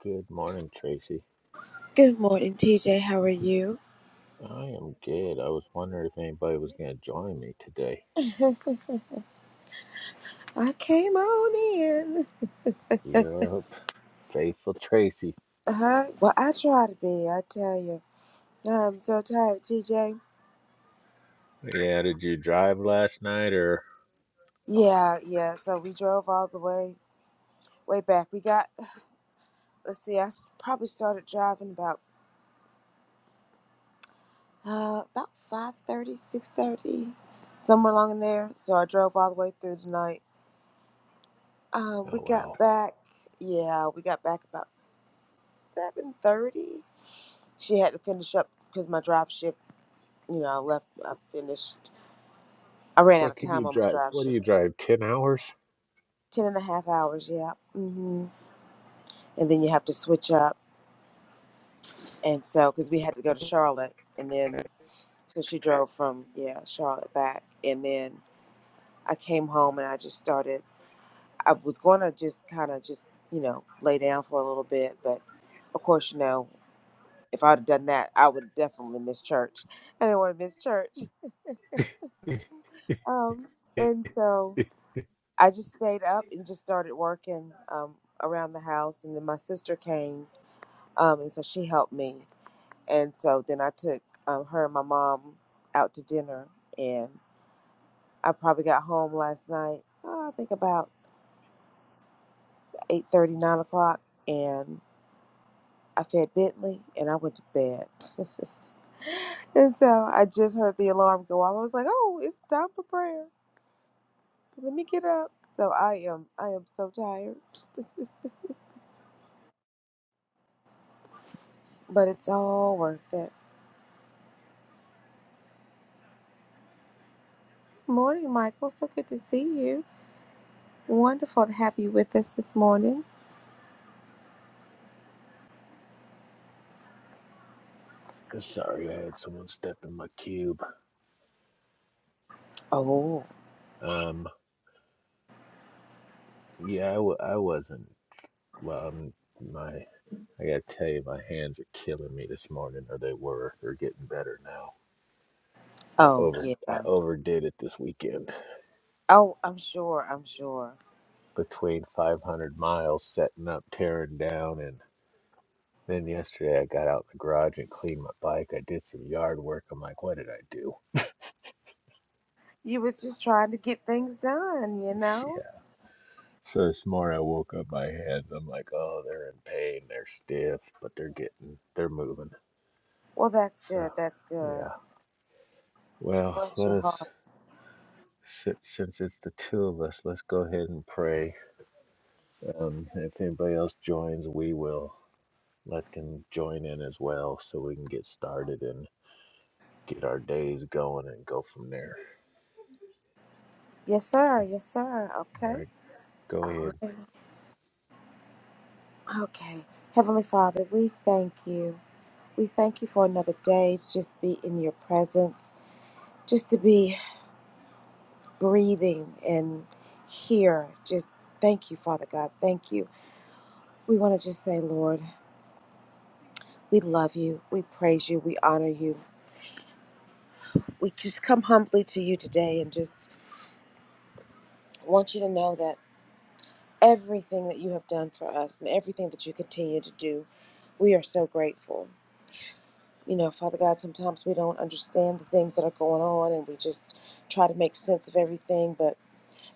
Good morning, Tracy. Good morning, TJ. How are you? I am good. I was wondering if anybody was going to join me today. I came on in. Yup. Faithful Tracy. Uh-huh. Well, I try to be, I tell you. I'm so tired, TJ. Yeah, did you drive last night or? Yeah, yeah. So we drove all the way, way back. We got, let's see, I s- probably started driving about, uh, about five thirty, six thirty, somewhere along in there. So I drove all the way through the night. Um, Oh, we wow. got back, yeah, we got back about 7.30. She had to finish up because my drive shift. you know, I left, I finished, I ran out What of can you time on my drive? drive What do shift. you drive? 10 hours? Ten and a half hours, yeah. hmm And then you have to switch up. And so, because we had to go to Charlotte, and then, so she drove from, yeah, Charlotte back. And then I came home and I just started, I was going to just kind of just, you know, lay down for a little bit. But of course, you know, if I'd have done that, I would definitely miss church. I didn't want to miss church. Um, and so, I just stayed up and just started working um, around the house, and then my sister came, um, and so she helped me, and so then I took um, her and my mom out to dinner, and I probably got home last night. oh, I think about eight thirty, nine o'clock, and I fed Bentley, and I went to bed. and so I just heard the alarm go off. I was like, "Oh, it's time for prayer. Let me get up." So I am, I am so tired, but it's all worth it. Morning, Michael. So good to see you. Wonderful to have you with us this morning. Sorry, I had someone step in my cube. Oh, Um, yeah, I, w- I wasn't. Well, um, my, I gotta tell you, my hands are killing me this morning, or they were. They're getting better now. I oh over, I yeah. overdid it this weekend. Oh, I'm sure. I'm sure. between 500 miles setting up, tearing down, and then yesterday I got out in the garage and cleaned my bike. I did some yard work. I'm like, what did I do? You was just trying to get things done, you Yeah. know? So this morning I woke up my hands. I'm like, oh, they're in pain. They're stiff, but they're getting, they're moving. Well, that's So, good. That's good. yeah. Well, Bless let your us, heart. si- since it's the two of us, let's go ahead and pray. Um, if anybody else joins, we will let them join in as well so we can get started and. get our days going and go from there. Yes, sir. Yes, sir. All Okay. right, go All ahead. right. Okay. Heavenly Father, we thank you. We thank you for another day to just be in your presence, just to be breathing and here. Just thank you, Father God. Thank you. We want to just say, Lord, we love you. We praise you. We honor you. We just come humbly to you today and just want you to know that everything that you have done for us and everything that you continue to do, we are so grateful. You know, Father God, sometimes we don't understand the things that are going on and we just try to make sense of everything. But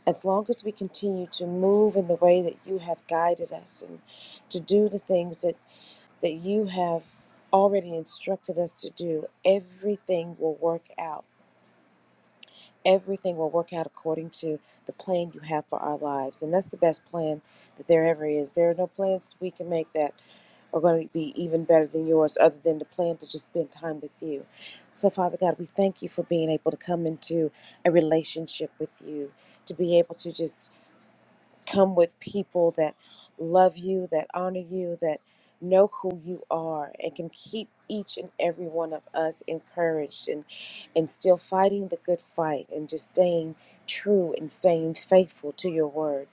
as long as we continue to move in the way that you have guided us and to do the things that that you have already instructed us to do, everything will work out. Everything will work out according to the plan you have for our lives. And that's the best plan that there ever is. There are no plans that we can make that are going to be even better than yours, other than the plan to just spend time with you. So, Father God, we thank you for being able to come into a relationship with you, to be able to just come with people that love you, that honor you, that know who you are, and can keep each and every one of us encouraged and, and still fighting the good fight and just staying true and staying faithful to your word.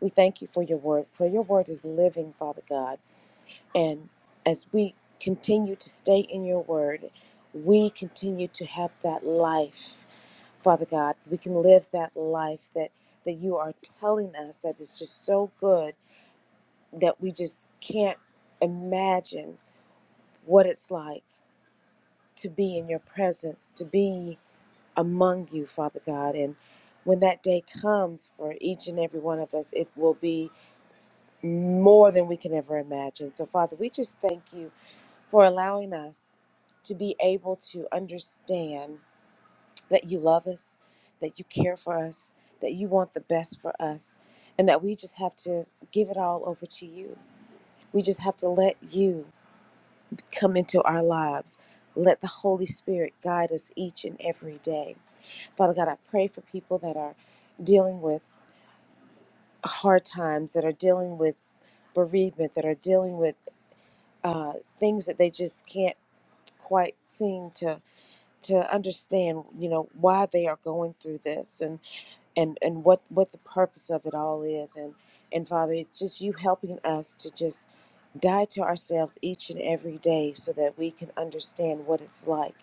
We thank you for your word, for your word is living, Father God. And as we continue to stay in your word, we continue to have that life, Father God. We can live that life that, that you are telling us that is just so good that we just can't imagine what it's like to be in your presence, to be among you, Father God. And when that day comes for each and every one of us, it will be more than we can ever imagine. So, Father, we just thank you for allowing us to be able to understand that you love us, that you care for us, that you want the best for us, and that we just have to give it all over to you. We just have to let you come into our lives. Let the Holy Spirit guide us each and every day. Father God, I pray for people that are dealing with hard times, that are dealing with bereavement, that are dealing with uh, things that they just can't quite seem to to understand you know why they are going through this and and and what what the purpose of it all is and and father it's just you helping us to just die to ourselves each and every day so that we can understand what it's like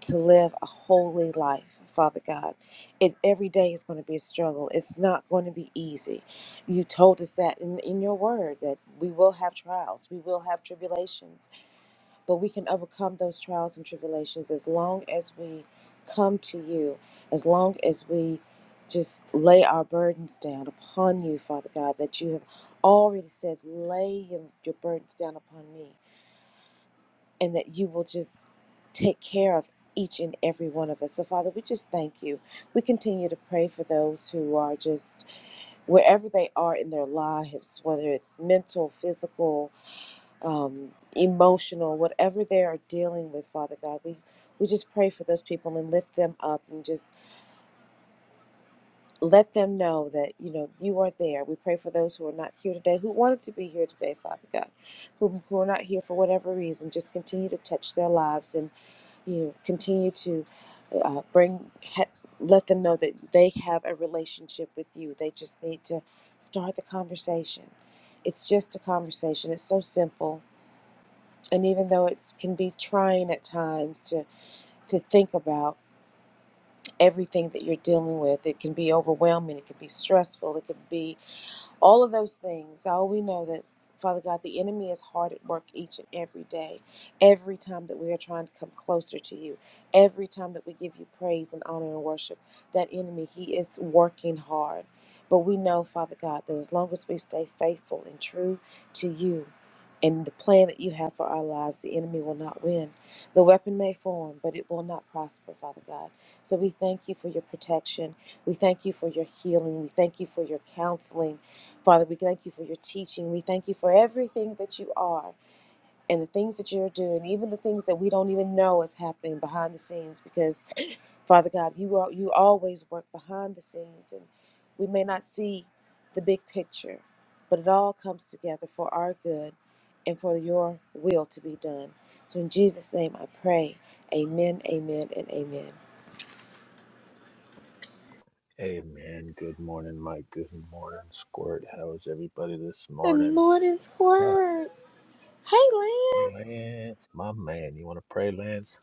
to live a holy life father god it, every day is going to be a struggle it's not going to be easy you told us that in, in your word that we will have trials we will have tribulations but we can overcome those trials and tribulations as long as we come to you, as long as we just lay our burdens down upon you, Father God, that you have already said, lay your your burdens down upon me, and that you will just take care of each and every one of us. So, Father, we just thank you. We continue to pray for those who are just wherever they are in their lives, whether it's mental, physical, um, emotional, whatever they are dealing with, Father God, we we just pray for those people and lift them up and just let them know that you know you are there. We pray for those who are not here today, who wanted to be here today, Father God, who who are not here for whatever reason. Just continue to touch their lives and you know, continue to uh, bring. He- let them know that they have a relationship with you. They just need to start the conversation. It's just a conversation. It's so simple and even though it can be trying at times to to think about everything that you're dealing with it can be overwhelming it can be stressful it can be all of those things. Oh, we know that, Father God, the enemy is hard at work each and every day, every time that we are trying to come closer to you, every time that we give you praise and honor and worship. That enemy, he is working hard. But we know, Father God, that as long as we stay faithful and true to you and the plan that you have for our lives, the enemy will not win. The weapon may form, but it will not prosper, Father God. So we thank you for your protection. We thank you for your healing. We thank you for your counseling. Father, we thank you for your teaching. We thank you for everything that you are and the things that you're doing, even the things that we don't even know is happening behind the scenes. Because Father God, you are, you always work behind the scenes, and we may not see the big picture, but it all comes together for our good and for your will to be done. So in Jesus' name, I pray. Amen. Amen. And amen. Hey man, good morning, Mike. Good morning, Squirt. How is everybody this Good morning? morning, Ah, Squirt. Hey, Lynn. Lance, my man, you want to pray, Lance?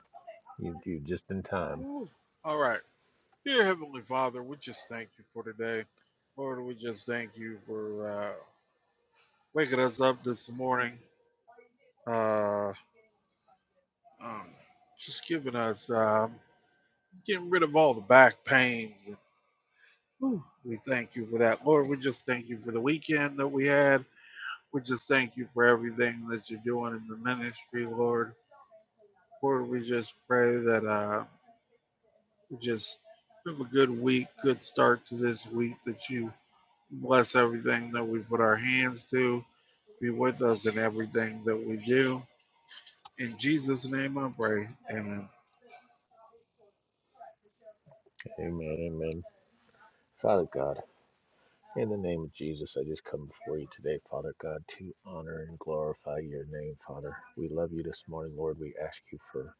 You, do just in time. Woo. All right. Dear Heavenly Father, we just thank you for today. Lord, we just thank you for uh, waking us up this morning, uh, um, just giving us, um, getting rid of all the back pains. Whew. We thank you for that. Lord, we just thank you for the weekend that we had. We just thank you for everything that you're doing in the ministry, Lord. Lord, we just pray that uh, we just have a good week, good start to this week, that you Bless everything that we put our hands to. Be with us in everything that we do. In Jesus' name I pray. Amen. Amen, amen. Father God, in the name of Jesus, I just come before you today, Father God, to honor and glorify your name, Father. We love you this morning, Lord. We ask you for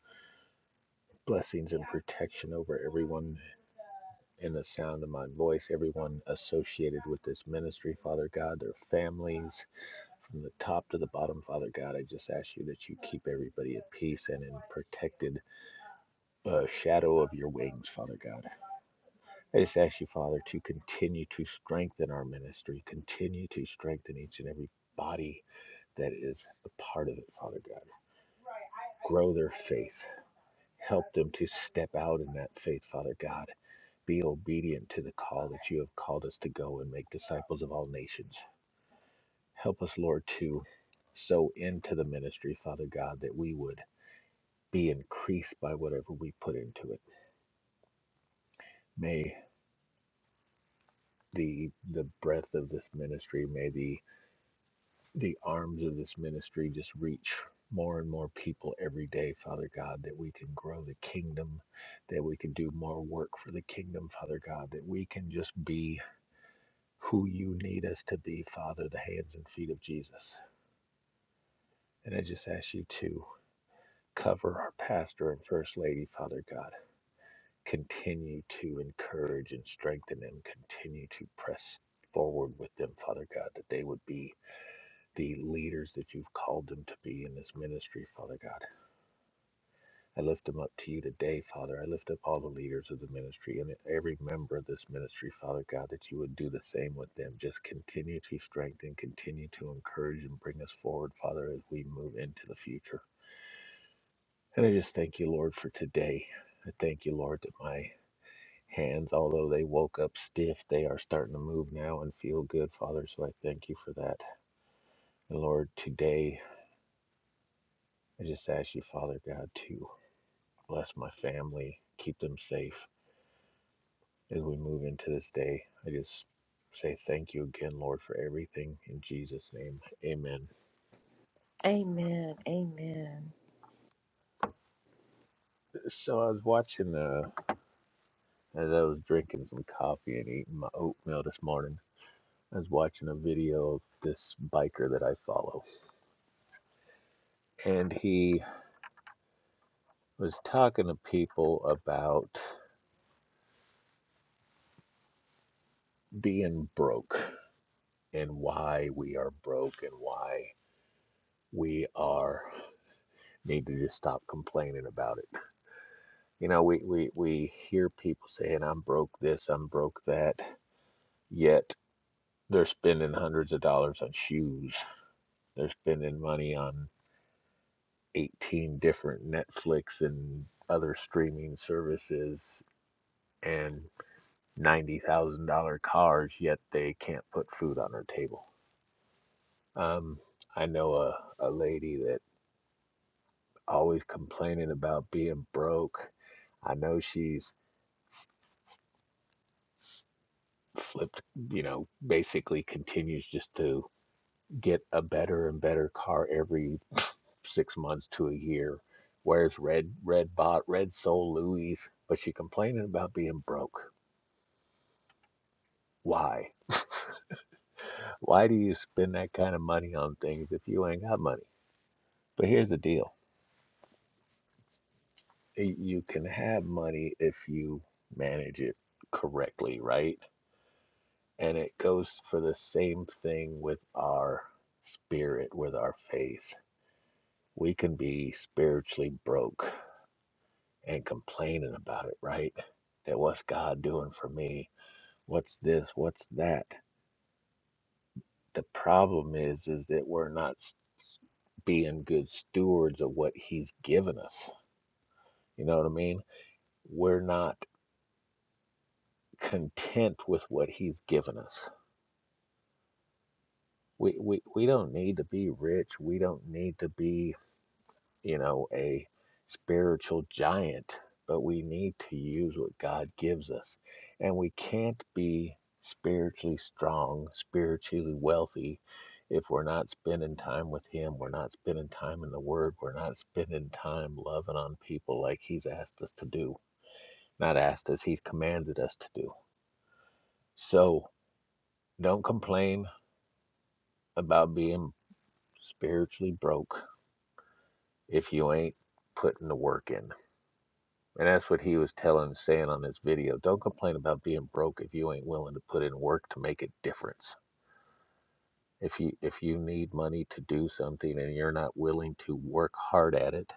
blessings and protection over everyone in the sound of my voice, everyone associated with this ministry, Father God, their families, from the top to the bottom, Father God. I just ask you that you keep everybody at peace and in protected uh, shadow of your wings, Father God. I just ask you, Father, to continue to strengthen our ministry, continue to strengthen each and every body that is a part of it, Father God. Grow their faith. Help them to step out in that faith, Father God be obedient to the call that you have called us to go and make disciples of all nations. Help us, Lord, to sow into the ministry, Father God, that we would be increased by whatever we put into it. May the the breadth of this ministry, may the the arms of this ministry just reach more and more people every day, Father God, that we can grow the kingdom, that we can do more work for the kingdom, Father God, that we can just be who you need us to be, Father, the hands and feet of Jesus. And I just ask you to cover our pastor and first lady, Father God. Continue to encourage and strengthen them. Continue to press forward with them, Father God, that they would be the leaders that you've called them to be in this ministry, Father God. I lift them up to you today, Father. I lift up all the leaders of the ministry and every member of this ministry, Father God, that you would do the same with them. Just continue to strengthen, continue to encourage, and bring us forward, Father, as we move into the future. And I just thank you, Lord, for today. I thank you, Lord, that my hands, although they woke up stiff, they are starting to move now and feel good, Father. So I thank you for that. And Lord, today I just ask you, Father God, to bless my family, keep them safe as we move into this day. I just say thank you again, Lord, for everything in Jesus' name. Amen. Amen. Amen. So I was watching, uh, as I was drinking some coffee and eating my oatmeal this morning, I was watching a video of this biker that I follow, and he was talking to people about being broke and why we are broke and why we are need to just stop complaining about it You know, we, we, we hear people saying, I'm broke this, I'm broke that, yet they're spending hundreds of dollars on shoes. They're spending money on 18 different Netflix and other streaming services and $90,000 cars, yet they can't put food on their table. Um, I know a, a lady that always complaining about being broke. I know she's flipped, you know, basically continues just to get a better and better car every six months to a year. Wears red red bot red soul Louis, but she complaining about being broke. Why? Why do you spend that kind of money on things if you ain't got money? But here's the deal: you can have money if you manage it correctly, right? And it goes for the same thing with our spirit, with our faith. We can be spiritually broke and complaining about it, right? That what's God doing for me? What's this? What's that? The problem is is that we're not s- s- being good stewards of what he's given us. You know what I mean? We're not content with what he's given us. We, we, we don't need to be rich. We don't need to be you know, a spiritual giant, but we need to use what God gives us. And we can't be spiritually strong, spiritually wealthy, if we're not spending time with Him, we're not spending time in the Word, we're not spending time loving on people like He's asked us to do. Not asked us, He's commanded us to do. So don't complain about being spiritually broke if you ain't putting the work in And that's what he was telling, saying on this video. Don't complain about being broke if you ain't willing to put in work to make a difference. If you if you need money to do something and you're not willing to work hard at it,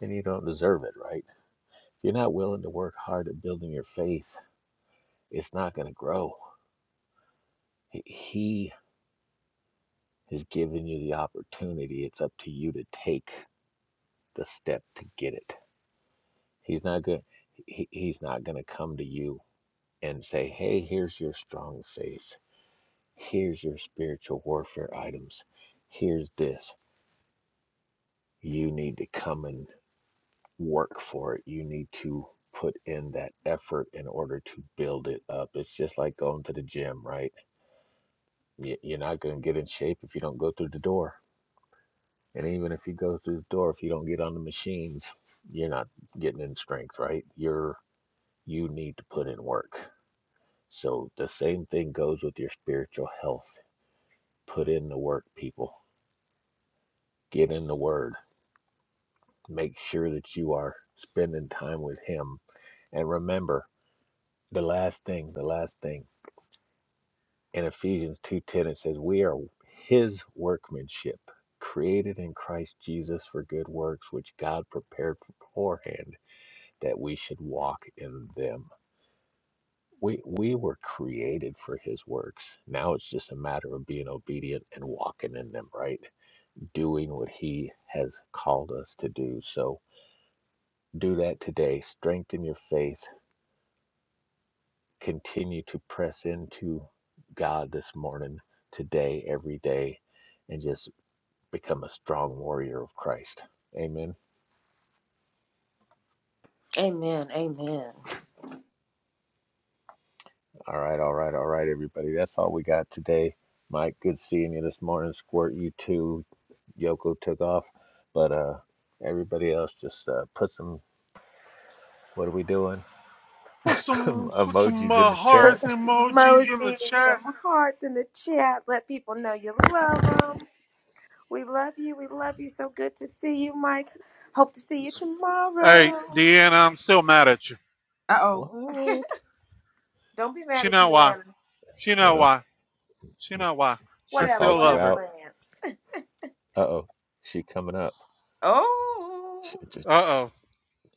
then you don't deserve it, right? If you're not willing to work hard at building your faith, it's not going to grow. He he has given you the opportunity. It's up to you to take the step to get it. He's not going. He, he's not going to come to you and say, "Hey, here's your strong faith." Here's your spiritual warfare items. Here's this. You need to come and work for it. You need to put in that effort in order to build it up. It's just like going to the gym, right? Y- You're not going to get in shape if you don't go through the door. And even if you go through the door, if you don't get on the machines, you're not getting in strength, right? You're you need to put in work. So the same thing goes with your spiritual health. Put in the work, people. Get in the word Make sure that you are spending time with Him. And remember, the last thing, the last thing in Ephesians 2:10 it says, "We are His workmanship, created in Christ Jesus for good works, which God prepared beforehand that we should walk in them." We we were created for His works. Now it's just a matter of being obedient and walking in them, right? Doing what He has called us to do. So do that today. Strengthen your faith continue to press into God this morning, today, every day, and just become a strong warrior of Christ. Amen. Amen. Amen. All right, all right, all right, everybody. That's all we got today. Mike, good seeing you this morning. Squirt, you too. Yoko took off, but uh, everybody else just uh, put some. What are we doing? Put some put some Emojis in uh, the Put chat. hearts some emojis in the emojis, some chat. hearts in the chat. Let people know you love them. We love you. We love you. So good to see you, Mike. Hope to see you Hey, tomorrow. Deanna, I'm still mad at you. Uh oh. What? Don't be mad She at know why. Deanna. She know Uh, why. She know why. I she Whatever, still called you love whatever, her. out. Lance. Uh oh, she coming up. Oh, Uh oh.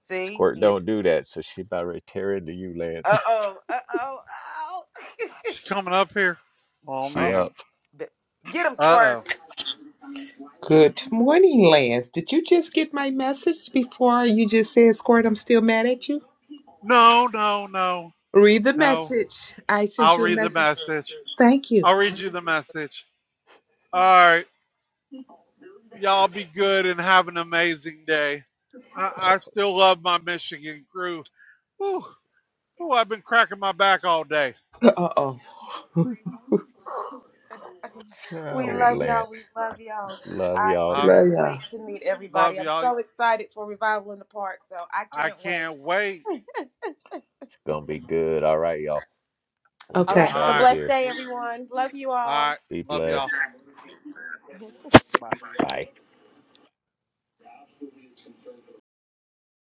see Squirt you. don't do that, so she about ready to tear into you, Lance. Uh oh. Uh oh. Oh. She coming up here? Oh she oh. man. up. b- Get him, Uh Squirt. oh. Good morning, Lance. Did you just get my message before you just said, Squirt, I'm still mad at you? No, no, no, Read the no. message. I sent I'll you a read the message. message. Thank you. I'll read you the message. All right. Y'all be good and have an amazing day. I, I still love my Michigan crew. Ooh, ooh, I've been cracking my back all day. Uh oh. We Oh, love y'all. We Lance. love y'all. Love I y'all. Uh, can't Love y'all. wait to meet love everybody. I'm y'all. so excited for Revival in the Park, so I I can't wait. can't wait. It's gonna be good. All right, y'all. We'll All get Okay. right, up All have a out of right. blessed here. day, We, everyone. Love you all all. right. Be Love All y'all. blessed. right. Bye. Bye.